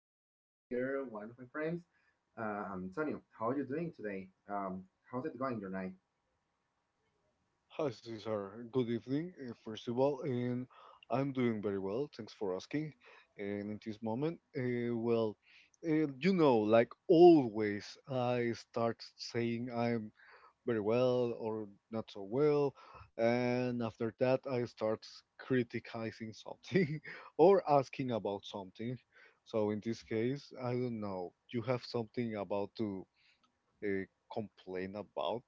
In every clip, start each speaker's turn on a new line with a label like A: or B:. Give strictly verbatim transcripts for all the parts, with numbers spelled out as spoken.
A: I have again here one of my friends, uh, Antonio. How are you doing today? Um, how's it going your night?
B: Hi, Cesar. Good evening, uh, first of all, and I'm doing very well. Thanks for asking. And in this moment, uh, well, uh, you know, like always, I start saying I'm very well or not so well, and after that, I start criticizing something or asking about something. So in this case, I don't know. You have something about to uh, complain about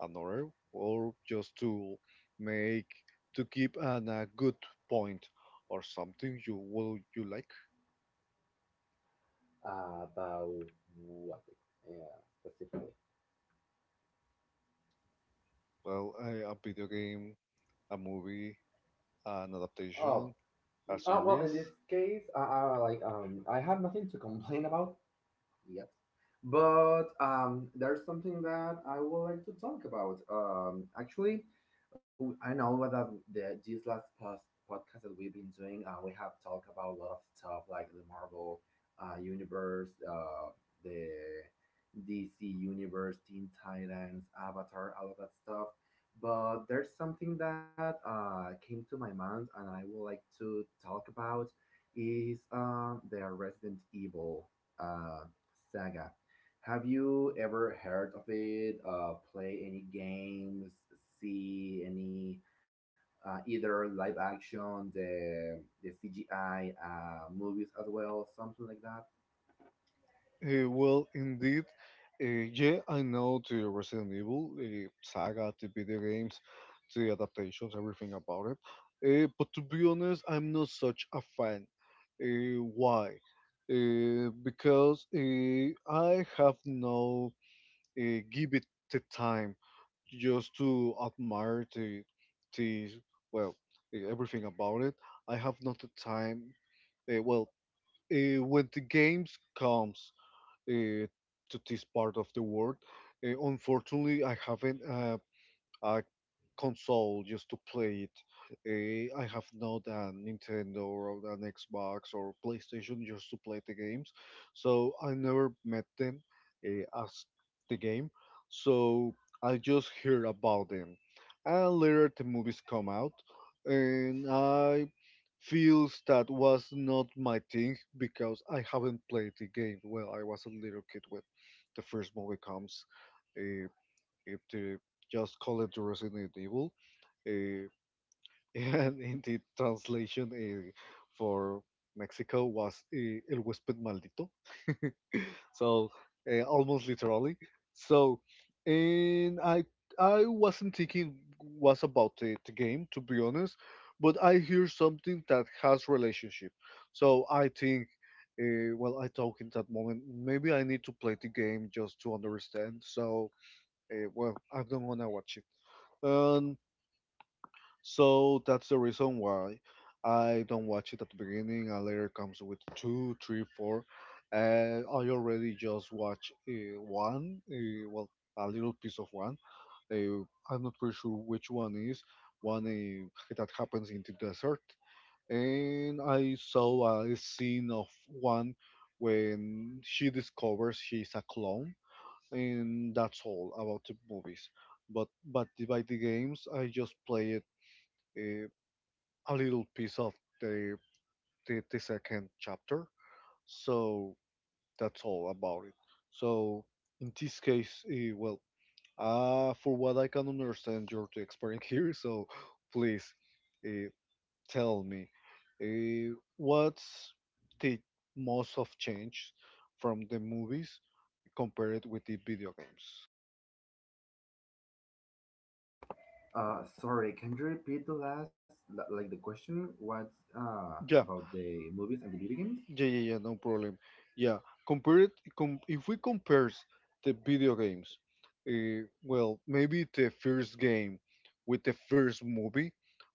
B: another or just to make to keep an a good point or something you will you like
A: Uh, what? the- Yeah, specifically.
B: well a, a video game, a movie, an
A: Oh,
B: adaptation, a
A: oh well,
B: series.
A: in this case, I, I like um, I have nothing to complain about. Yep. But um, there's something that I would like to talk about. Um, actually, w- I know that the, this last past podcast that we've been doing, uh, we have talked about a lot of stuff like the Marvel uh, universe, uh, the D C universe, Teen Titans, Avatar, all of that stuff. But there's something that uh, came to my mind, and I would like to talk about is um, the Resident Evil. uh. Saga. Have you ever heard of it? Uh, play any games? See any? Uh, either live action, the the C G I uh, movies as well, something like that.
B: Uh, well, indeed, uh, yeah, I know the Resident Evil uh, saga, the video games, the adaptations, everything about it. Uh, but to be honest, I'm not such a fan. Uh, why? Uh, because uh, I have no uh, give it the time just to admire the, the well, uh, everything about it. I have not the time. Uh, well, uh, when the games comes uh, to this part of the world. Uh, unfortunately, I haven't. Uh, I console just to play it. Uh, I have not a Nintendo or an Xbox or PlayStation just to play the games, so I never met them uh, as the game. So I just hear about them, and later the movies come out, and I feels that was not my thing because I haven't played the game. Well, I was a little kid when the first movie comes. Uh, if to just call it Resident Evil. Uh, and in the translation uh, for Mexico was uh, El Huésped Maldito. So uh, almost literally. So and I I wasn't thinking was about the, the game, to be honest, but I hear something that has relationship. So I think. Uh, well, I thought in that moment maybe I need to play the game just to understand. So, uh, well, I'm not gonna watch it. And so that's the reason why I don't watch it at the beginning. And later comes with two, three, four, and I already just watch uh, one. Uh, well, a little piece of one. Uh, I'm not pretty sure which one is one uh, that happens in the desert. And I saw a scene of one when she discovers she's a clone, and that's all about the movies, but but the- by the games I just play uh, a little piece of the, the the second chapter. So that's all about it. So in this case, uh, well, uh, for what I can understand, you're the expert here. So please, uh, tell me, uh, what's the most of change from the movies compared with the video games?
A: Uh, sorry, can you repeat the last li- like the question? What's uh
B: Yeah,
A: about the movies and the video games?
B: yeah, yeah, yeah, no problem. Yeah, compare it. Com If we compare the video games, uh, well, maybe the first game with the first movie,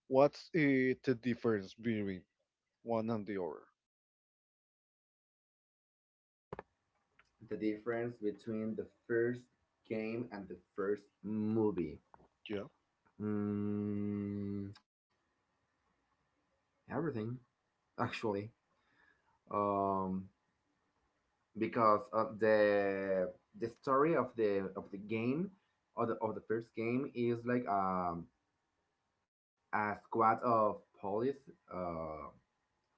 B: what's uh, the difference between one and the other?
A: The difference between the first game and the first movie.
B: Yeah.
A: Mm, everything actually. Um, because of the the story of the of the game of the of the first game is like um a squad of police uh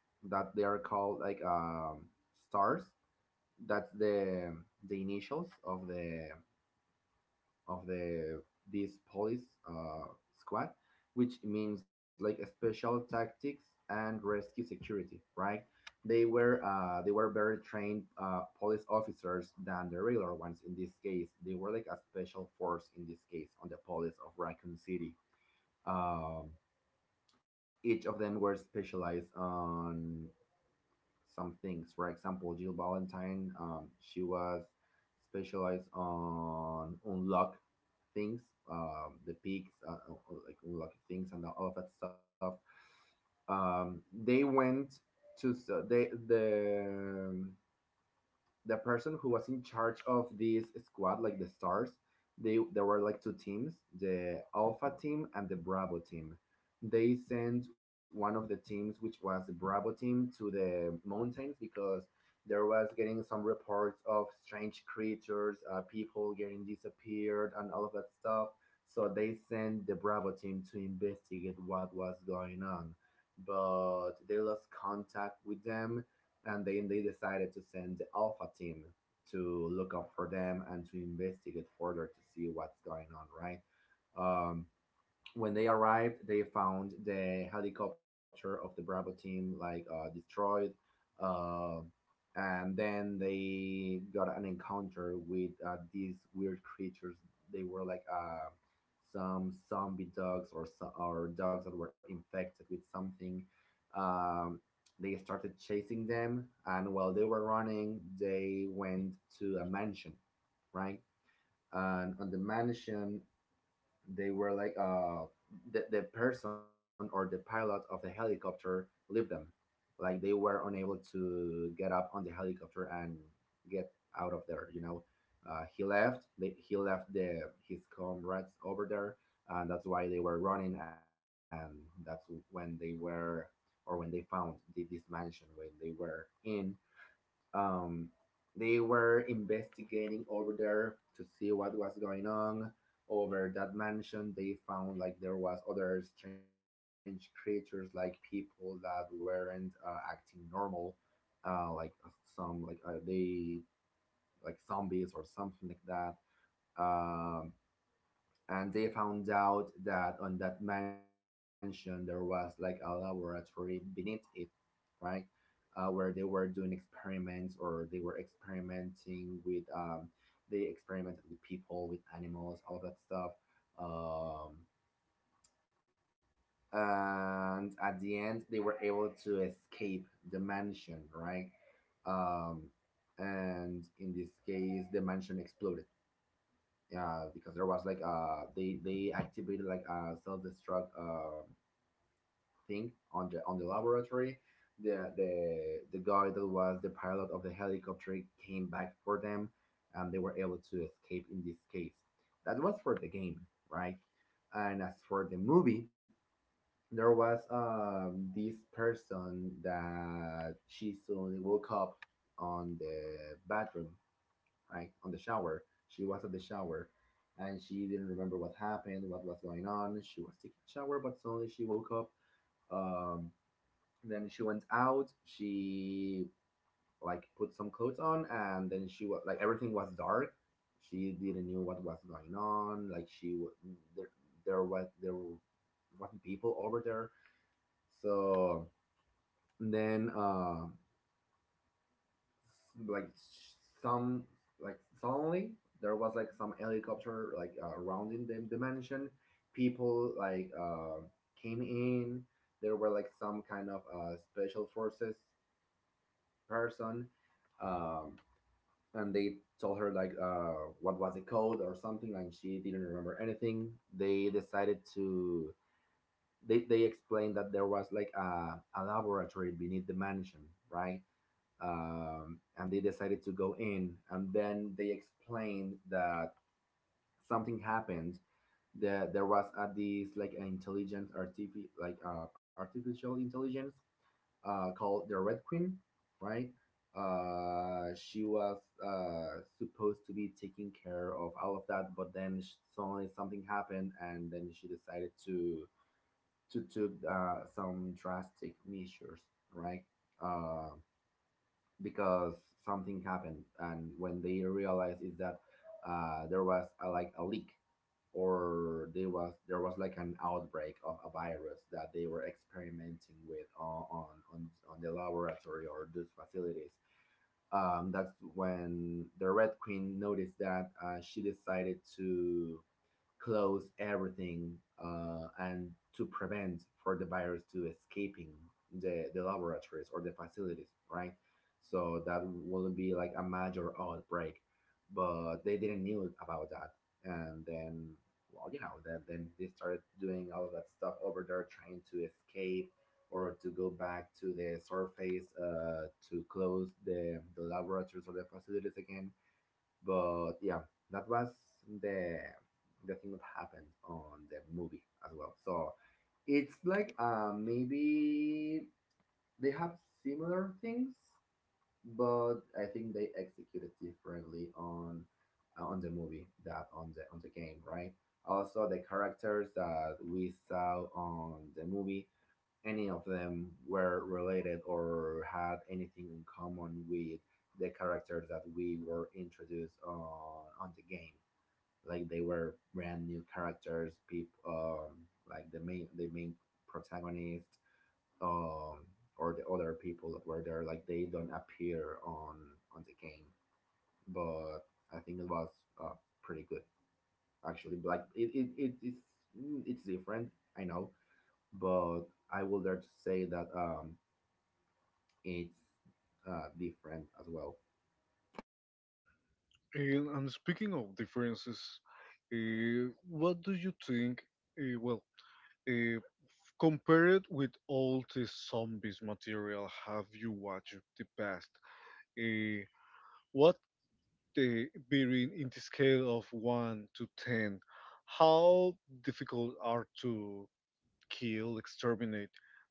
A: that they are called like um stars. That's the the initials of the of the this police uh, squad, which means like a special tactics and rescue security, right? They were uh, they were very trained uh, police officers than the regular ones in this case. They were like a special force in this case on the police of Raccoon City. Um, each of them were specialized on some things. For example, Jill Valentine, um, she was specialized on unlock things, um, the pigs, uh, uh, uh, like lucky things, and all of that stuff. Um, they went to s- they the the person who was in charge of this squad, like the stars, they there were like two teams, the Alpha team and the Bravo team. They sent one of the teams, which was the Bravo team, to the mountains because there was getting some reports of strange creatures, uh, people getting disappeared, and all of that stuff. So they sent the Bravo team to investigate what was going on, but they lost contact with them, and then they decided to send the Alpha team to look up for them and to investigate further to see what's going on, right? Um, when they arrived, they found the helicopter of the Bravo team like uh, destroyed, uh, and then they got an encounter with uh, these weird creatures. They were like uh, some zombie dogs or so- or dogs that were infected with something. Um, they started chasing them, and while they were running, they went to a mansion, right? And on the mansion, they were like uh, the the person or the pilot of the helicopter leave them, like they were unable to get up on the helicopter and get out of there. You know, uh, he left. They, he left the his comrades over there, and that's why they were running. And that's when they were, or when they found the, this mansion when they were in um, they were investigating over there to see what was going on over that mansion. They found like there was other strange creatures, like people that weren't uh, acting normal, uh, like uh, some like uh, they like zombies or something like that. Um, and they found out that on that mansion there was like a laboratory beneath it, right? Uh, where they were doing experiments or they were experimenting with, um, they experimented with people, with animals, all that stuff. Um, and at the end, they were able to escape the mansion, right? Um, and in this case, the mansion exploded. Yeah, because there was like uh they they activated like a self destruct um thing on the on the laboratory. The the the guy that was the pilot of the helicopter came back for them, and they were able to escape in this case. That was for the game, right? And as for the movie, there was um this person that she suddenly woke up on the bathroom, right? On the shower. She was at the shower, and she didn't remember what happened, what was going on. She was taking a shower, but suddenly she woke up. um then she went out. She like put some clothes on, and then she was like everything was dark. She didn't knew what was going on. Like she there there was there were wasn't people over there. So then uh like some like suddenly there was like some helicopter like uh, around in the, the mansion. People like uh, came in. There were like some kind of uh, special forces person, um, and they told her like uh, what was the code or something, and she didn't remember anything. They decided to they, they explained that there was like a, a laboratory beneath the mansion, right? Um, and they decided to go in, and then they explained that something happened, that there was at this like an intelligent artifi- like uh, artificial intelligence uh, called the Red Queen, right? Uh, she was uh, supposed to be taking care of all of that, but then suddenly something happened, and then she decided to to took uh, some drastic measures, right? Uh, because something happened, and when they realized is that uh, there was a, like a leak or there was there was like an outbreak of a virus that they were experimenting with on on, on, on the laboratory or those facilities. Um, that's when the red queen noticed that uh, she decided to close everything, uh, and to prevent for the virus to escaping the, the laboratories or the facilities, right? So that will be like a major outbreak, but they didn't knew about that. And then, well, you know that then they started doing all of that stuff over there trying to escape or to go back to the surface, uh, to close the, the laboratories or the facilities again. But yeah, that was the the thing that happened on the movie as well. So it's like uh, maybe they have similar things, but I think they executed differently on uh, on the movie that on the on the game, right? Also, the characters that we saw on the movie, any of them were related or had anything in common with the characters that we were introduced on on the game. Like they were brand new characters, people, um, like the main the main protagonist, um, or the other people that were there. Like they don't appear on on the game, but I think it was uh, pretty good actually. Like it, it, it it's it's different, I know, but I will dare to say that um it's uh, different as well.
B: And, and speaking of differences, uh, what do you think? Uh, well, uh, compare it with all the zombies material have you watched the past? Uh, they varying in the scale of one to ten. How difficult are to kill, exterminate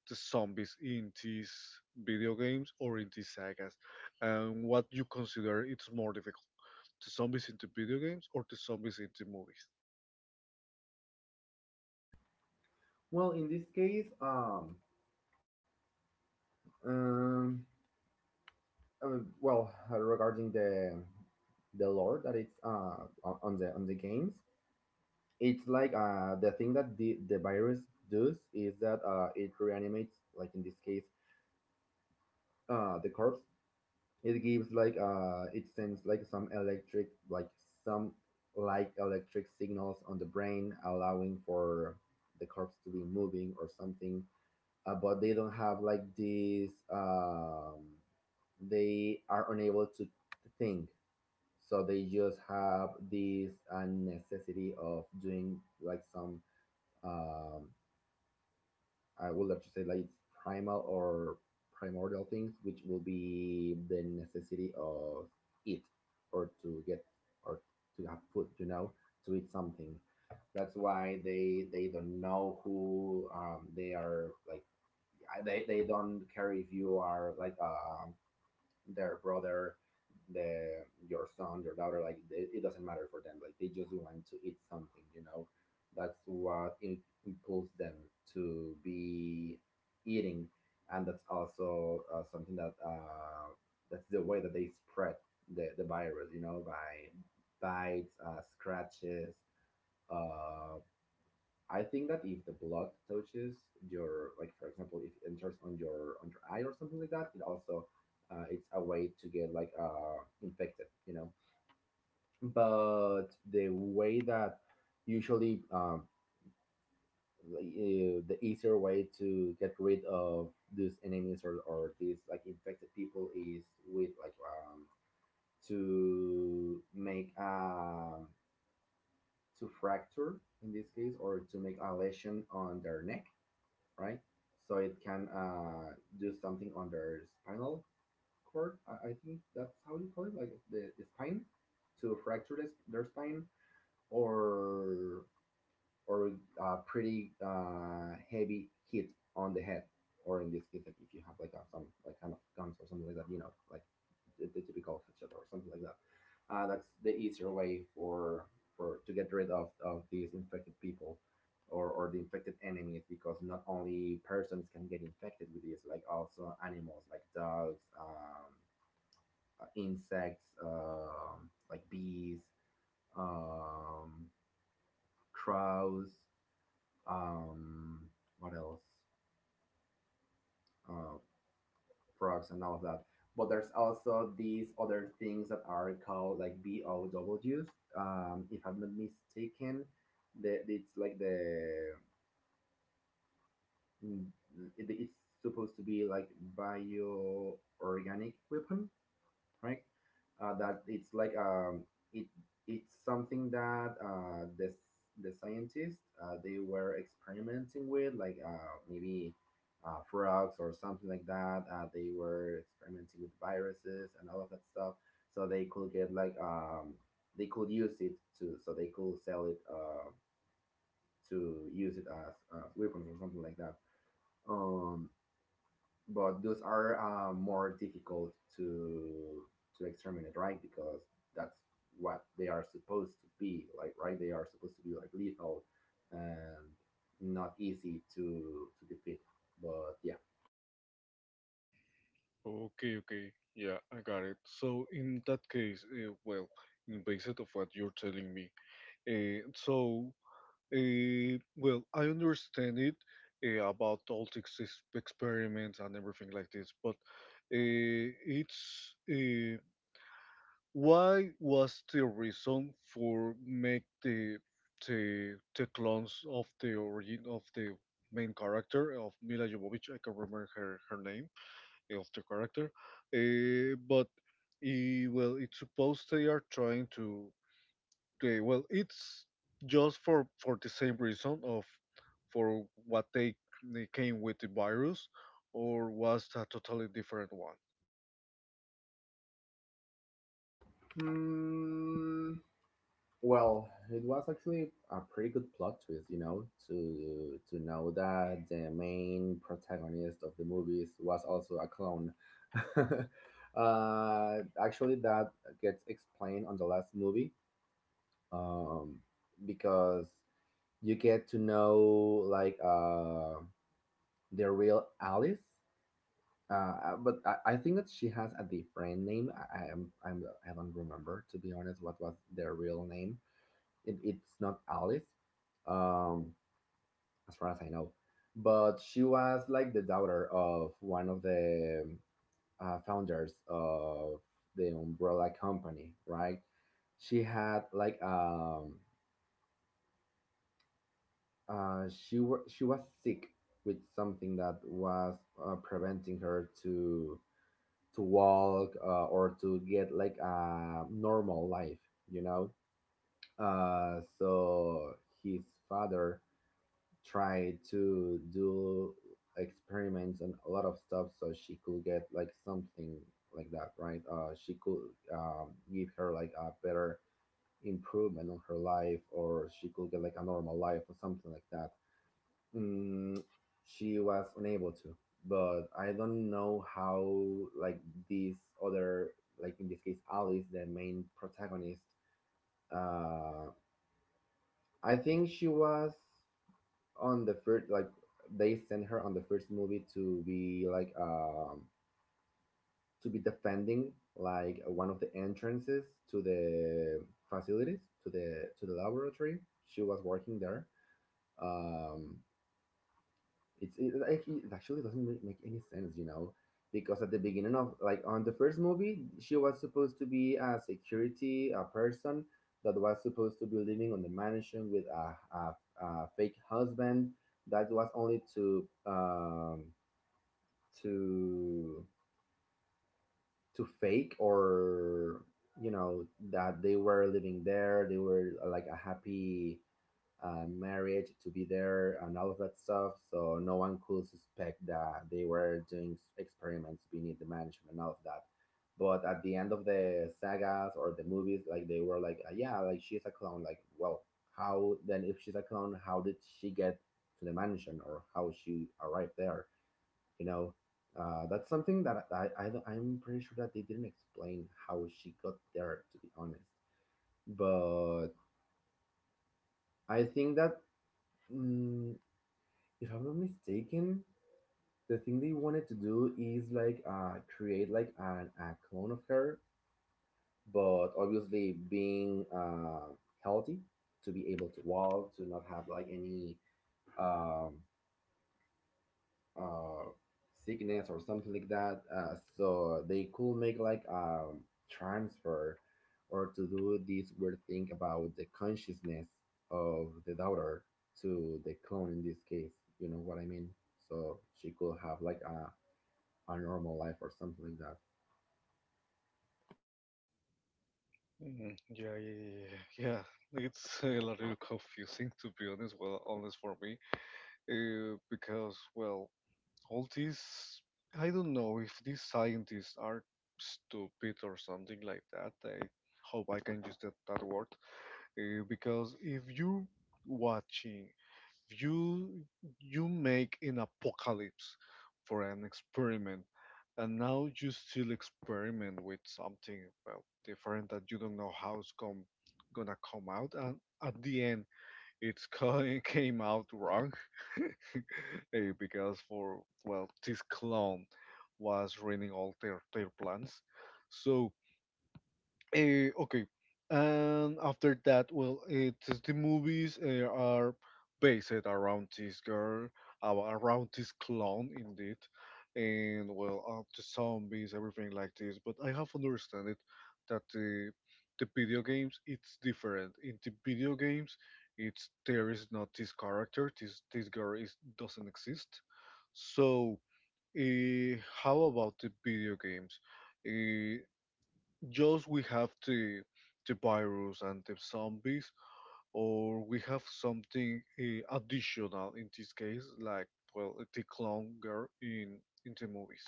B: the zombies in these video games or in these sagas, and what you consider it's more difficult, the zombies in the video games or the zombies in the movies?
A: Well, in this case, um, um, uh, well, uh, regarding the the lore that it's uh on on the on the games, it's like uh the thing that the the virus does is that uh it reanimates, like in this case, uh the corpse. It gives like uh it sends like some electric, like some like electric signals on the brain, allowing for the corpse to be moving or something. Uh, but they don't have like this. Um, they are unable to think, so they just have this uh, necessity of doing like some. Um, I would like to say like it's primal or primordial things, which will be the necessity of eat or to get or to have food. You know, to eat something. That's why they they don't know who um, they are like I- they they don't care if you are like uh, their brother, the your son, your daughter. Like it, it doesn't matter for them. Like they just want to eat something. You know, that's what im- impulses them to be eating, and that's also uh, something that uh, that's the way that they spread the the virus. You know, by bites, uh, scratches. Uh, I think that if the blood touches your, like for example, if it enters on your on your eye or something like that, it also uh, it's a way to get like uh, infected, you know. But the way that usually um, like, uh, the easier way to get rid of these enemies, or, or these like infected people is with like um, to make um to fracture in this case or to make a lesion on their neck, right? So it can uh, do something on their spinal cord. I, I think that's how you call it, like the, the spine, to fracture this, their spine or or a pretty uh, heavy hit on the head, or in this case, like if you have like a, some like kind of guns or something like that, you know, like the, typical headshot or something like that. Uh, that's the easier way for for to get rid of, of these infected people or, or the infected enemies because not only persons can get infected with this, like also animals like dogs, um, uh, insects, um, like bees, um, crows, um, what else? Uh, Frogs and all of that. But there's also these other things that are called like B O Ws. Um, if I'm not mistaken, the, it's like the mm, it- it's supposed to be like bioorganic weapons, right? Uh, that it's like um, it it's something that uh, the the scientists uh, they were experimenting with, like uh, maybe uh, frogs or something like that. Uh, they were experimenting with viruses and all of that stuff, so they could get like um, they could use it to so they could sell it uh, to use it as uh, weapons or something like that. Um, but those are uh, more difficult to to exterminate, right? Because that's what they are supposed to be like, right? They are supposed to be like lethal and not easy to to defeat. But yeah.
B: Okay, okay, yeah, I got it. So in that case, uh, well, in based of what you're telling me, uh, so Uh, well, I understand it uh, about all these ex- experiments and everything like this, but uh, it's, uh, why was the reason for make the the the clones of the origin of the main character of Mila Jovovich? I can not remember her her name, uh, of the character, uh, but. Eh, well, it's supposed they are trying to. Okay, well, it's just for for the same reason of for what they, they came with the virus, or was a totally different one?
A: Hmm. Well, it was actually a pretty good plot twist, you know, to to know that the main protagonist of the movies was also a clone. Uh, actually, that gets explained on the last movie, um, because you get to know like uh, the real Alice. Uh, uh, but I, I think that she has a different name. I, I'm, I'm I don't remember to be honest what was their real name. It, it's not Alice, um, as far as I know, but she was like the daughter of one of the uh, founders of the Umbrella company, right? She had like um, uh, she were she was sick with something that was uh, preventing her to to walk uh, or to get like a normal life, you know. Uh, so his father tried to do experiments and a lot of stuff so she could get like something like that, right. Uh she could um, give her like a better improvement on her life, or she could get like a normal life or something like that. mm, she was unable to, but I don't know how. Like these other, like in this case Alice, the main protagonist, uh I think she was on the first, like they sent her on the first movie to be like um to be defending like one of the entrances to the facilities, to the to the laboratory. She was working there. um it's it actually it actually doesn't make, make any sense, you know, because at the beginning of, like on the first movie, she was supposed to be a security, a person that was supposed to be living on the mansion with a, a, a fake husband that was only to um to to fake or, you know, that they were living there, they were like a happy uh, marriage to be there and all of that stuff, so no one could suspect that they were doing experiments beneath the management and all of that. But at the end of the sagas or the movies, like they were like, uh, yeah, like she's a clone. Like, well, how then, if she's a clone, how did she get to the mansion, or how she arrived there? You know, uh, that's something that I, I I'm pretty sure that they didn't explain how she got there, to be honest. But I think that mm, if I'm not mistaken, the thing they wanted to do is like uh, create like an, a clone of her, but obviously being uh, healthy, to be able to walk, to not have like any um, uh sickness or something like that, uh, so they could make like a transfer, or to do this weird thing about the consciousness of the daughter to the clone in this case, you know what I mean, so she could have like a, a normal life or something like that.
B: Mm, yeah, yeah, yeah, yeah, yeah. It's a little confusing to be honest. Well, honest for me, uh, because well, all these I don't know if these scientists are stupid or something like that. I hope I can use that that word, uh, because if you watching you you make an apocalypse for an experiment and now you still experiment with something, well, different, that you don't know how it's going gonna come out, and at the end it's co- came out wrong. Eh, because for, well, this clone was ruining all their their plans, so. Eh, okay. And after that, well, it is the movies uh, are based around this girl, uh, around this clone, indeed, and well, uh, the zombies, everything like this. But I have understand it that the the video games it's different. In the video games, it's there is not this character. This this girl is doesn't exist. So, uh, how about the video games? Eh, just we have the the virus and the zombies, or we have something uh, additional in this case, like, well, the clown girl in in the movies.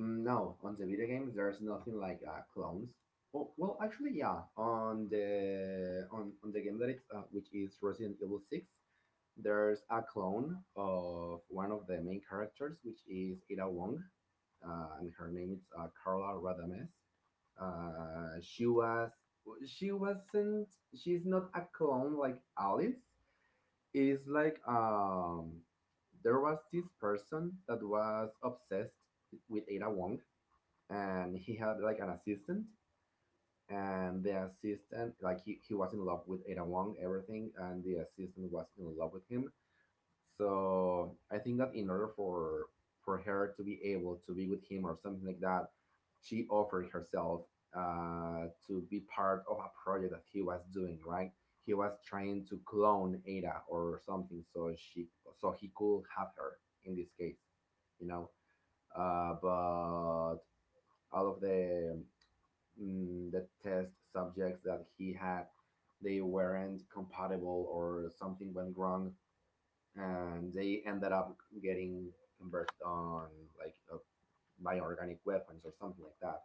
A: Mm, no, on the video games there's nothing like uh, clones. Well, well actually yeah, on the on, on the game that it's uh, which is Resident Evil six, there's a clone of one of the main characters, which is Ada Wong, uh, and her name is uh, Carla Radames. Uh, she was she wasn't she's not a clone like Alice. It's like um there was this person that was obsessed with Ada Wong, and he had like an assistant, and the assistant, like he, he was in love with Ada Wong everything, and the assistant was in love with him. So I think that in order for for her to be able to be with him or something like that, she offered herself uh, to be part of a project that he was doing. Right, he was trying to clone Ada or something, so she so he could have her in this case, you know. Uh, but all of the mm, the test subjects that he had, they weren't compatible, or something went wrong, and they ended up getting converted on like uh, by organic weapons or something like that.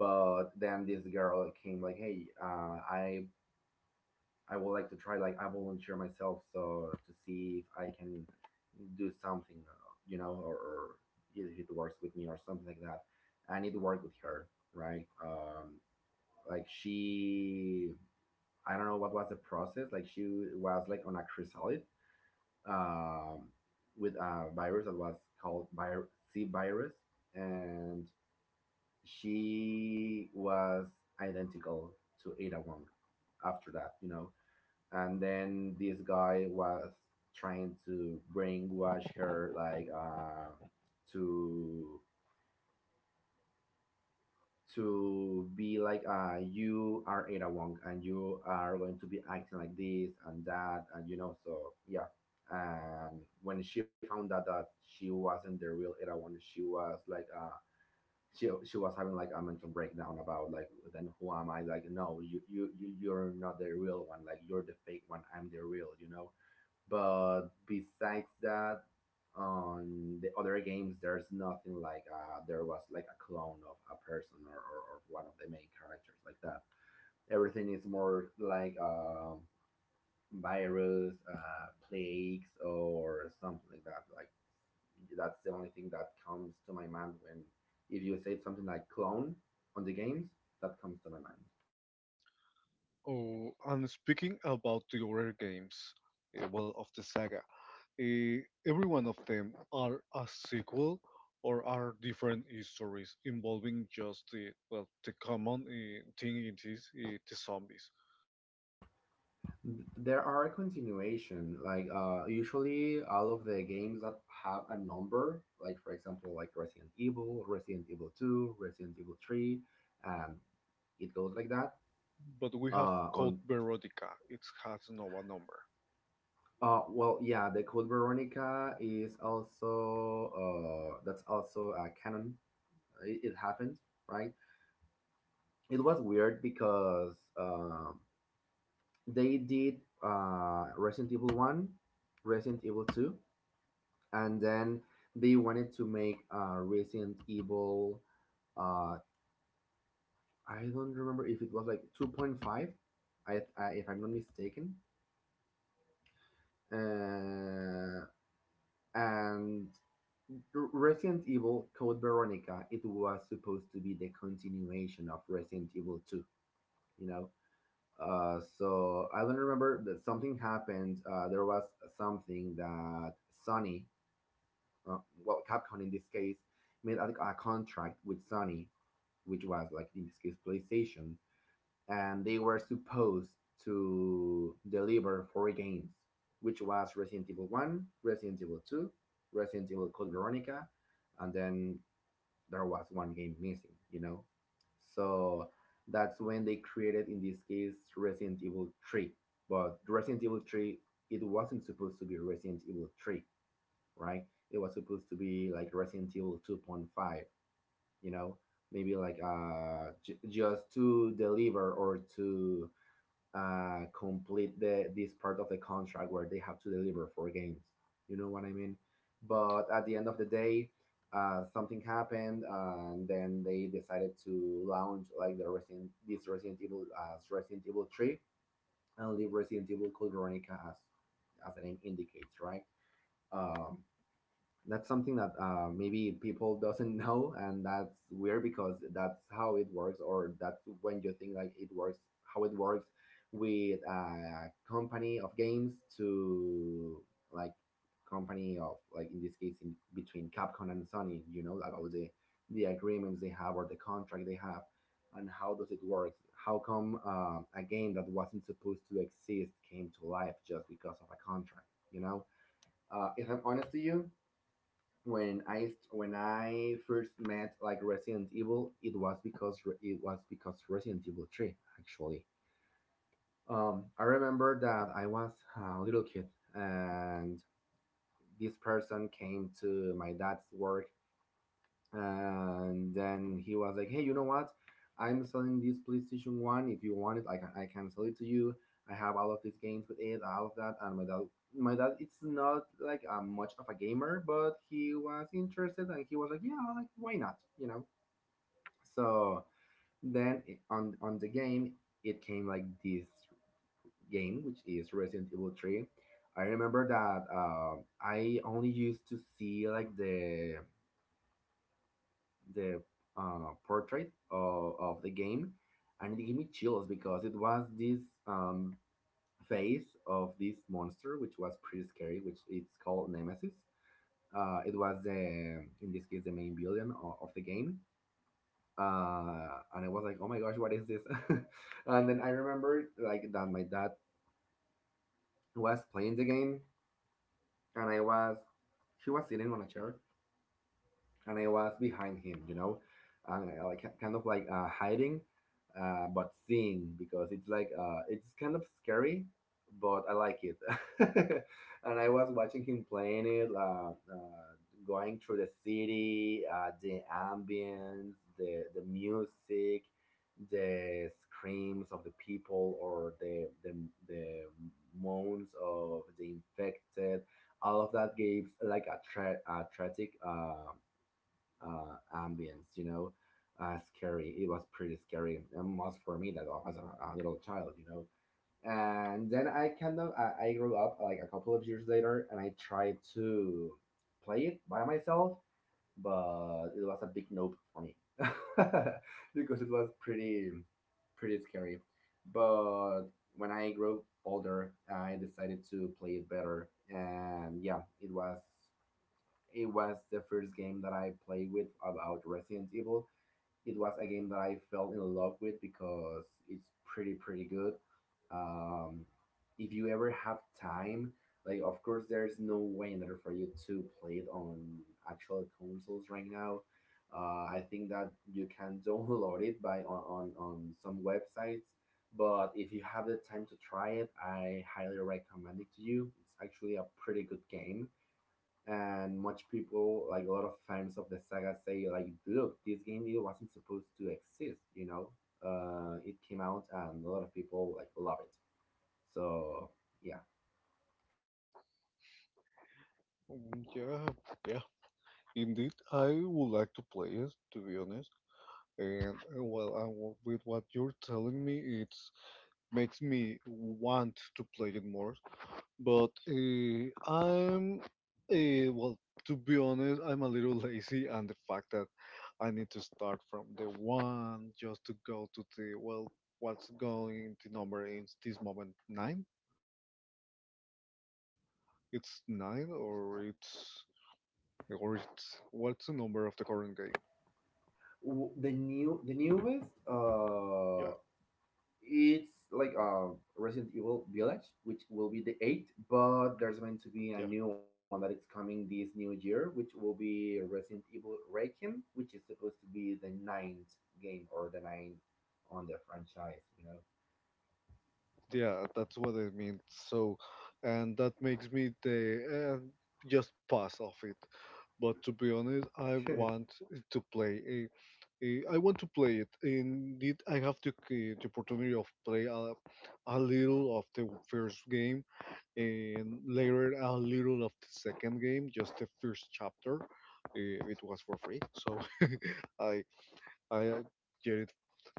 A: But then this girl came like, "Hey, uh, I I would like to try. Like, I volunteer myself so to see if I can do something, uh, you know, or, or if it works with me or something like that." I need to work with her, right? Um, like she, I don't know what was the process. Like she was like on a chrysalid, um, with a virus that was called vir- C virus, and she was identical to Ada Wong after that, you know. And then this guy was trying to brainwash her, like, uh, to to be like, uh you are Ada Wong, and you are going to be acting like this and that, and you know, so yeah. And when she found out that she wasn't the real Ada Wong, she was like uh she, she was having like a mental breakdown about like, then who am I, like, no, you you you- you're not the real one, like you're the fake one, I'm the real, you know. But besides that, on the other games, there's nothing like uh, there was like a clone of a person, or, or, or one of the main characters like that. Everything is more like um virus, uh, plagues, or something like that. Like that's the only thing that comes to my mind when, if you say something like clone on the games, that comes to my mind.
B: Oh, and speaking about the other games, uh, well, of the saga, uh, every one of them are a sequel or are different histories involving just the, well, the common uh, thing in this uh, the zombies.
A: There are a continuation, like uh, usually all of the games that have a number, like for example, like Resident Evil, Resident Evil two, Resident Evil three, and it goes like that.
B: But we have
A: Uh,
B: Code
A: on
B: Veronica. It has no one number.
A: uh, well, yeah, the Code Veronica is also uh, that's also a canon. It, it happened, right? It was weird because um they did uh, Resident Evil One, Resident Evil Two, and then they wanted to make uh, Resident Evil. Uh, I don't remember if it was like two point five, I, I, if I'm not mistaken. Uh, and Resident Evil Code Veronica, it was supposed to be the continuation of Resident Evil two, you know? Uh, so I don't remember that something happened. Uh, there was something that Sony, uh, well, Capcom in this case, made a, a contract with Sony, which was like in this case PlayStation, and they were supposed to deliver four games, which was Resident Evil One, Resident Evil Two, Resident Evil Code Veronica, and then there was one game missing, you know. So that's when they created in this case Resident Evil Three, but Resident Evil Three, it wasn't supposed to be Resident Evil Three, right? It was supposed to be like Resident Evil two point five, you know maybe like uh j- just to deliver or to uh complete the this part of the contract where they have to deliver for games, you know what I mean but at the end of the day uh something happened, uh, and then they decided to launch like the resident this Resident Evil as Resident Evil three and leave Resident Evil Code Veronica as as the name indicates, right? um that's something that, uh, maybe people doesn't know, and that's weird because that's how it works, or that's when you think like it works, how it works with a company of games, to like company of like in this case, in between Capcom and Sony, you know, like all the the agreements they have or the contract they have, and how does it work? How come, uh, a game that wasn't supposed to exist came to life just because of a contract, you know? Uh, if I'm honest to you, when I st- when I first met like Resident Evil, it was because re- it was because Resident Evil Three, actually. Um, I remember that I was a little kid, and this person came to my dad's work, and then he was like, hey, you know what, I'm selling this playstation one. If you want it, i can, I can sell it to you. I have all of these games with it, all of that. And my dad, my dad it's not like, uh, much of a gamer, but he was interested, and he was like, yeah, like, why not, you know? So then it- on on the game, it came like this game, which is Resident Evil three. I remember that, um I only used to see like the, the uh, portrait of, of the game, and it gave me chills because it was this, um, face of this monster, which was pretty scary, which it's called Nemesis. Uh, it was the, in this case, the main villain of, of the game. Uh, and I was like, oh my gosh, what is this? And then I remember like that my dad was playing the game, and I was she was sitting on a chair and I was behind him, you know, and I, like, kind of like, uh, hiding, uh, but seeing, because it's like, uh, it's kind of scary, but I like it. And I was watching him playing it, uh, uh, going through the city, uh, the ambience, the the music, the screams of the people, or the the, the moans of the infected. All of that gives like a tra- a tragic, uh, uh, ambience, you know, uh, scary. It was pretty scary, and was for me, that was as a, a little child, you know. And then I kind of I, I grew up like a couple of years later, and I tried to play it by myself, but it was a big nope for me because it was pretty pretty scary. But when I grew older, I decided to play it better, and yeah, it was, it was the first game that I played with about Resident Evil. It was a game that I fell in love with because it's pretty pretty good. Um, if you ever have time, like, of course, there's no way in there for you to play it on actual consoles right now. Uh, I think that you can download it by on, on, on some websites, but if you have the time to try it, I highly recommend it to you. It's actually a pretty good game, and much people like, a lot of fans of the saga say like, look, this game really wasn't supposed to exist, you know. Uh it came out and a lot of people like love it. So yeah.
B: Mm, yeah, yeah. Indeed, I would like to play it, to be honest. And uh, well, I, w with what you're telling me, it makes me want to play it more. But uh, I'm, uh, well, to be honest, I'm a little lazy, and the fact that I need to start from the one just to go to the, well, what's going the number in this moment, nine? It's nine, or it's or it's what's the number of the current game?
A: W- the new the newest,
B: Yeah.
A: uh it's like, uh Resident Evil Village, which will be the eighth, but there's going to
B: Yeah,
A: be a new one that is coming this new year, which will be Resident Evil Requiem, which is supposed to be the ninth game or the ninth on the franchise, you know.
B: yeah, that's what I mean. So, and that makes me the uh, just pass off it. But to be honest, I want to play. eh, eh, I want to play it. Indeed, I have to c- the opportunity of play a, a little of the first game and later a little of the second game. Just the first chapter. Uh, It was for free, so I I uh, get it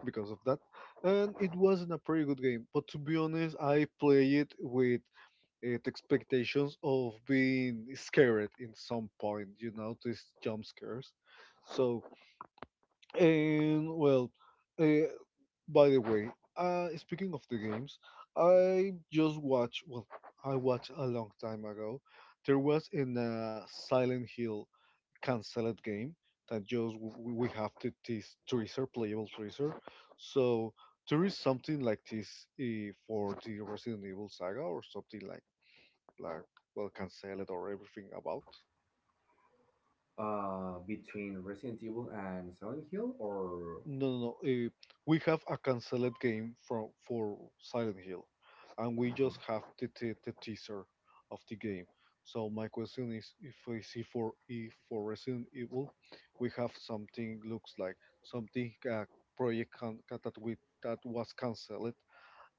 B: because of that. And it wasn't a pretty good game, but to be honest, I play it with uh, the expectations of being scared in some point, you know, these jump scares. So, and well, uh, by the way, uh, speaking of the games, I just watched, well, I watched a long time ago, there was in uh, Silent Hill canceled game that just w- w- we have to this treasure, playable treasure. So there is something like this, uh, for the Resident Evil saga or something like like well, canceled or everything about.
A: uh, Between Resident Evil and Silent Hill, or,
B: No, no, no. Uh, we have a cancelled game from for Silent Hill, and we
A: uh-huh.
B: just have the, the, the teaser of the game. So my question is, if I see for, if for Resident Evil, we have something looks like something, uh, project can, that we that was cancelled.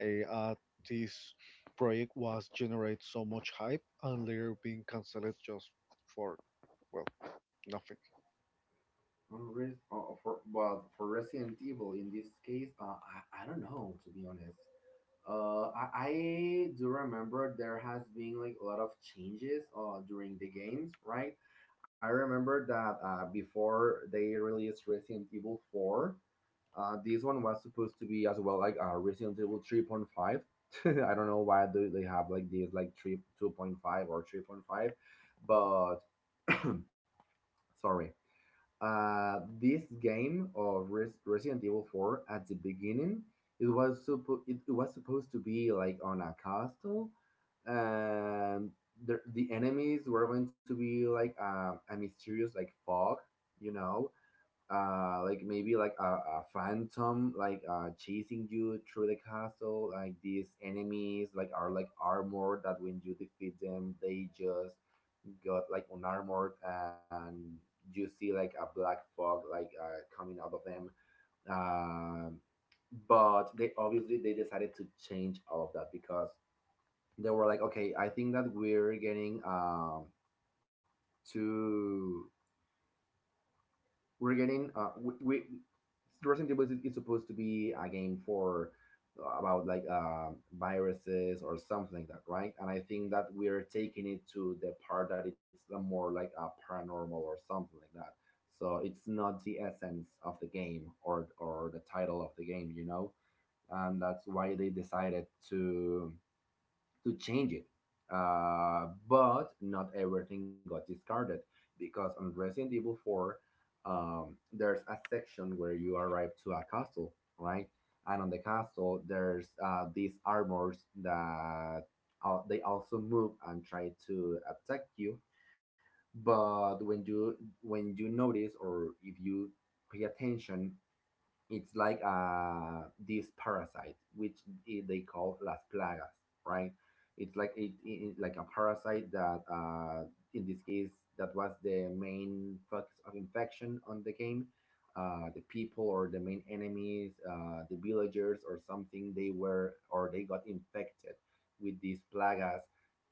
B: Uh, uh, this project was generate so much hype and later being cancelled just for, well, nothing.
A: on Res- uh, for but for Resident Evil in this case, uh, I I don't know, to be honest. Uh, I, I do remember there has been like a lot of changes, uh, during the games, right? I remember that, uh, before they released Resident Evil four, Uh, this one was supposed to be as well like, uh, Resident Evil three point five. I don't know why do they have like this, like three two point five or three point five, but sorry. Uh, this game of Res- Resident Evil four, at the beginning, it was suppo- it, it was supposed to be like on a castle, and the, the enemies were going to be like, uh, a mysterious like fog, you know, uh like maybe like a, a phantom, like, uh chasing you through the castle, like these enemies like are like armored, that when you defeat them they just got like unarmored, and you see like a black fog, like, uh coming out of them. um but they, obviously they decided to change all of that because they were like, okay, I think that we're getting, um too, we're getting, uh we, we, Resident Evil is, is supposed to be a game for, uh, about like, uh, viruses or something like that, right? And I think that we're taking it to the part that it's a more like a paranormal or something like that. So it's not the essence of the game or or the title of the game, you know. And that's why they decided to to change it. Uh, but not everything got discarded, because on Resident Evil four, um, there's a section where you arrive to a castle, right? And on the castle, there's, uh, these armors that, uh, they also move and try to attack you. But when you when you notice, or if you pay attention, it's like, uh, this parasite, which i- they call las plagas, right? It's like it, it, like a parasite that, uh, in this case, that was the main focus of infection on the game. Uh, the people or the main enemies, uh, the villagers or something, they were or they got infected with these plagas,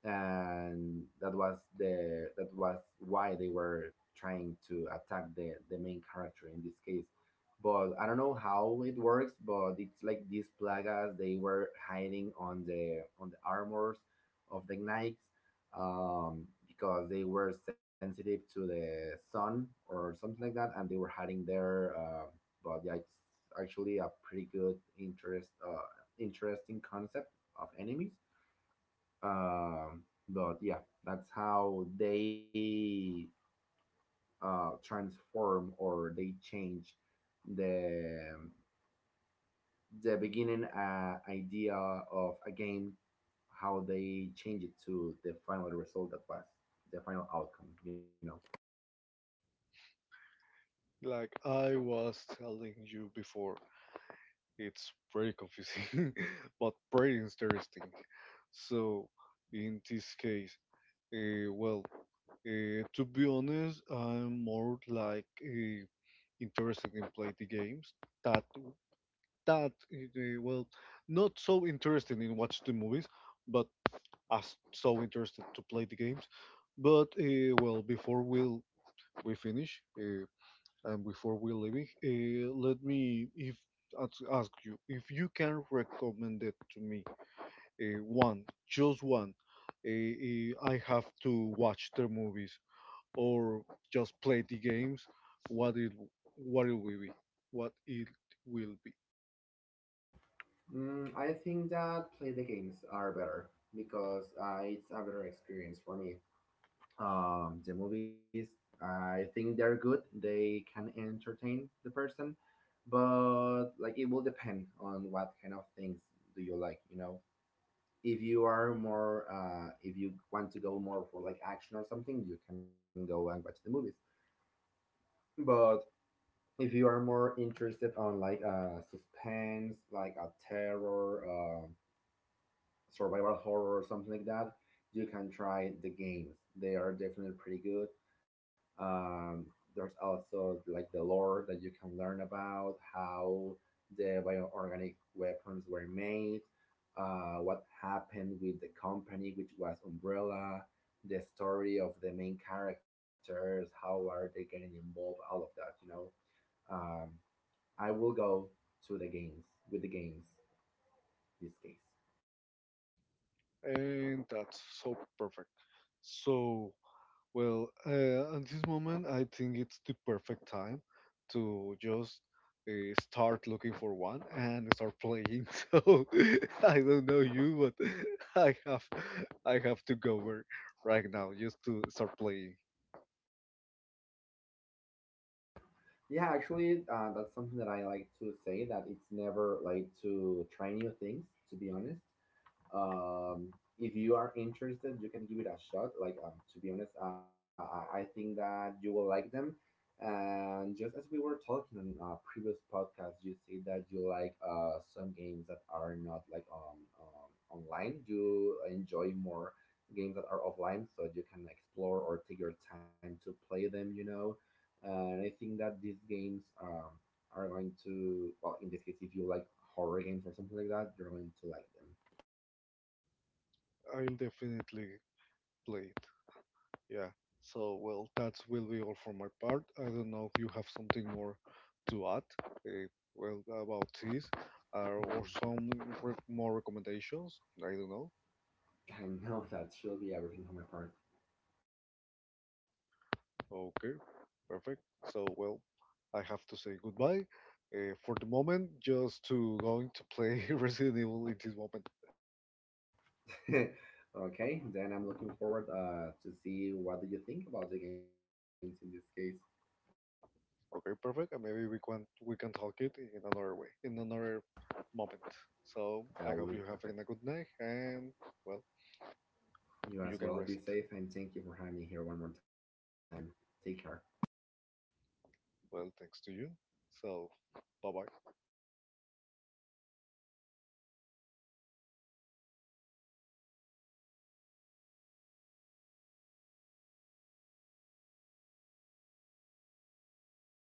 A: and that was the that was why they were trying to attack the the main character in this case. But I don't know how it works. But it's like these plagas, they were hiding on the on the armors of the knights, um, because they were sensitive to the sun or something like that, and they were hiding there. Uh, but yeah, it's actually a pretty good interest uh, interesting concept of enemies. Um, but yeah, that's how they, uh, transform or they change the the beginning, uh, idea of a game, how they change it to the final result that was the final outcome, you know.
B: Like I was telling you before. It's pretty confusing, but pretty interesting. So, in this case, uh, well, uh, to be honest, I'm more like, uh, interested in play the games that that uh, well, not so interested in watch the movies, but as so interested to play the games. But uh, well, before we will we finish, uh, and before we leave, uh, let me if ask ask you if you can recommend it to me, uh, one, just one. Uh, uh, I have to watch the movies or just play the games. What it what it will be, what it will be.
A: Mm, I think that play the games are better, because, uh, it's a better experience for me. Um, the movies, I think they're good. They can entertain the person, but like, it will depend on what kind of things do you like, you know. If you are more, uh if you want to go more for like action or something, you can go and watch the movies, but if you are more interested on like, uh suspense, like a terror, uh, survival horror or something like that, you can try the games. They are definitely pretty good. Um, there's also like the lore that you can learn about, how the bioorganic weapons were made, uh, what happened with the company, which was Umbrella, the story of the main characters, how are they getting involved, all of that, you know. Um, I will go to the games, with the games this case.
B: And that's so perfect. So, well, uh, at this moment, I think it's the perfect time to just, uh, start looking for one and start playing. So I don't know you, but I have I have to go over right now just to start playing.
A: Yeah, actually, uh, that's something that I like to say, that it's never like to try new things, to be honest. um if you are interested, you can give it a shot, like, um to be honest, uh, I, I think that you will like them. And just as we were talking on our previous podcast, you say that you like, uh some games that are not like, um, um online. You enjoy more games that are offline, so you can explore or take your time to play them, you know. And I think that these games, um are going to, well, in this case, if you like horror games or something like that, you're going to like
B: I'll definitely play it. Yeah. So, well, that will be all for my part. I don't know if you have something more to add. Uh, well, about this, uh, or some
A: them.
B: re- more recommendations. I don't know.
A: I know that she'll be everything on my part.
B: Okay, perfect. So, well, I have to say goodbye, uh, for the moment, just to going to play Resident Evil in this moment.
A: Okay, then I'm looking forward, uh, to see what do you think about the games in this case.
B: Okay, perfect. And maybe we can we can talk it in another way, in another moment. So, I hope you
A: That
B: have
A: will be
B: a good
A: perfect.
B: night, and, well, you can rest.
A: You as well. Be safe, and thank you for having me here one more time. Take care.
B: Well, thanks to you. So, bye bye.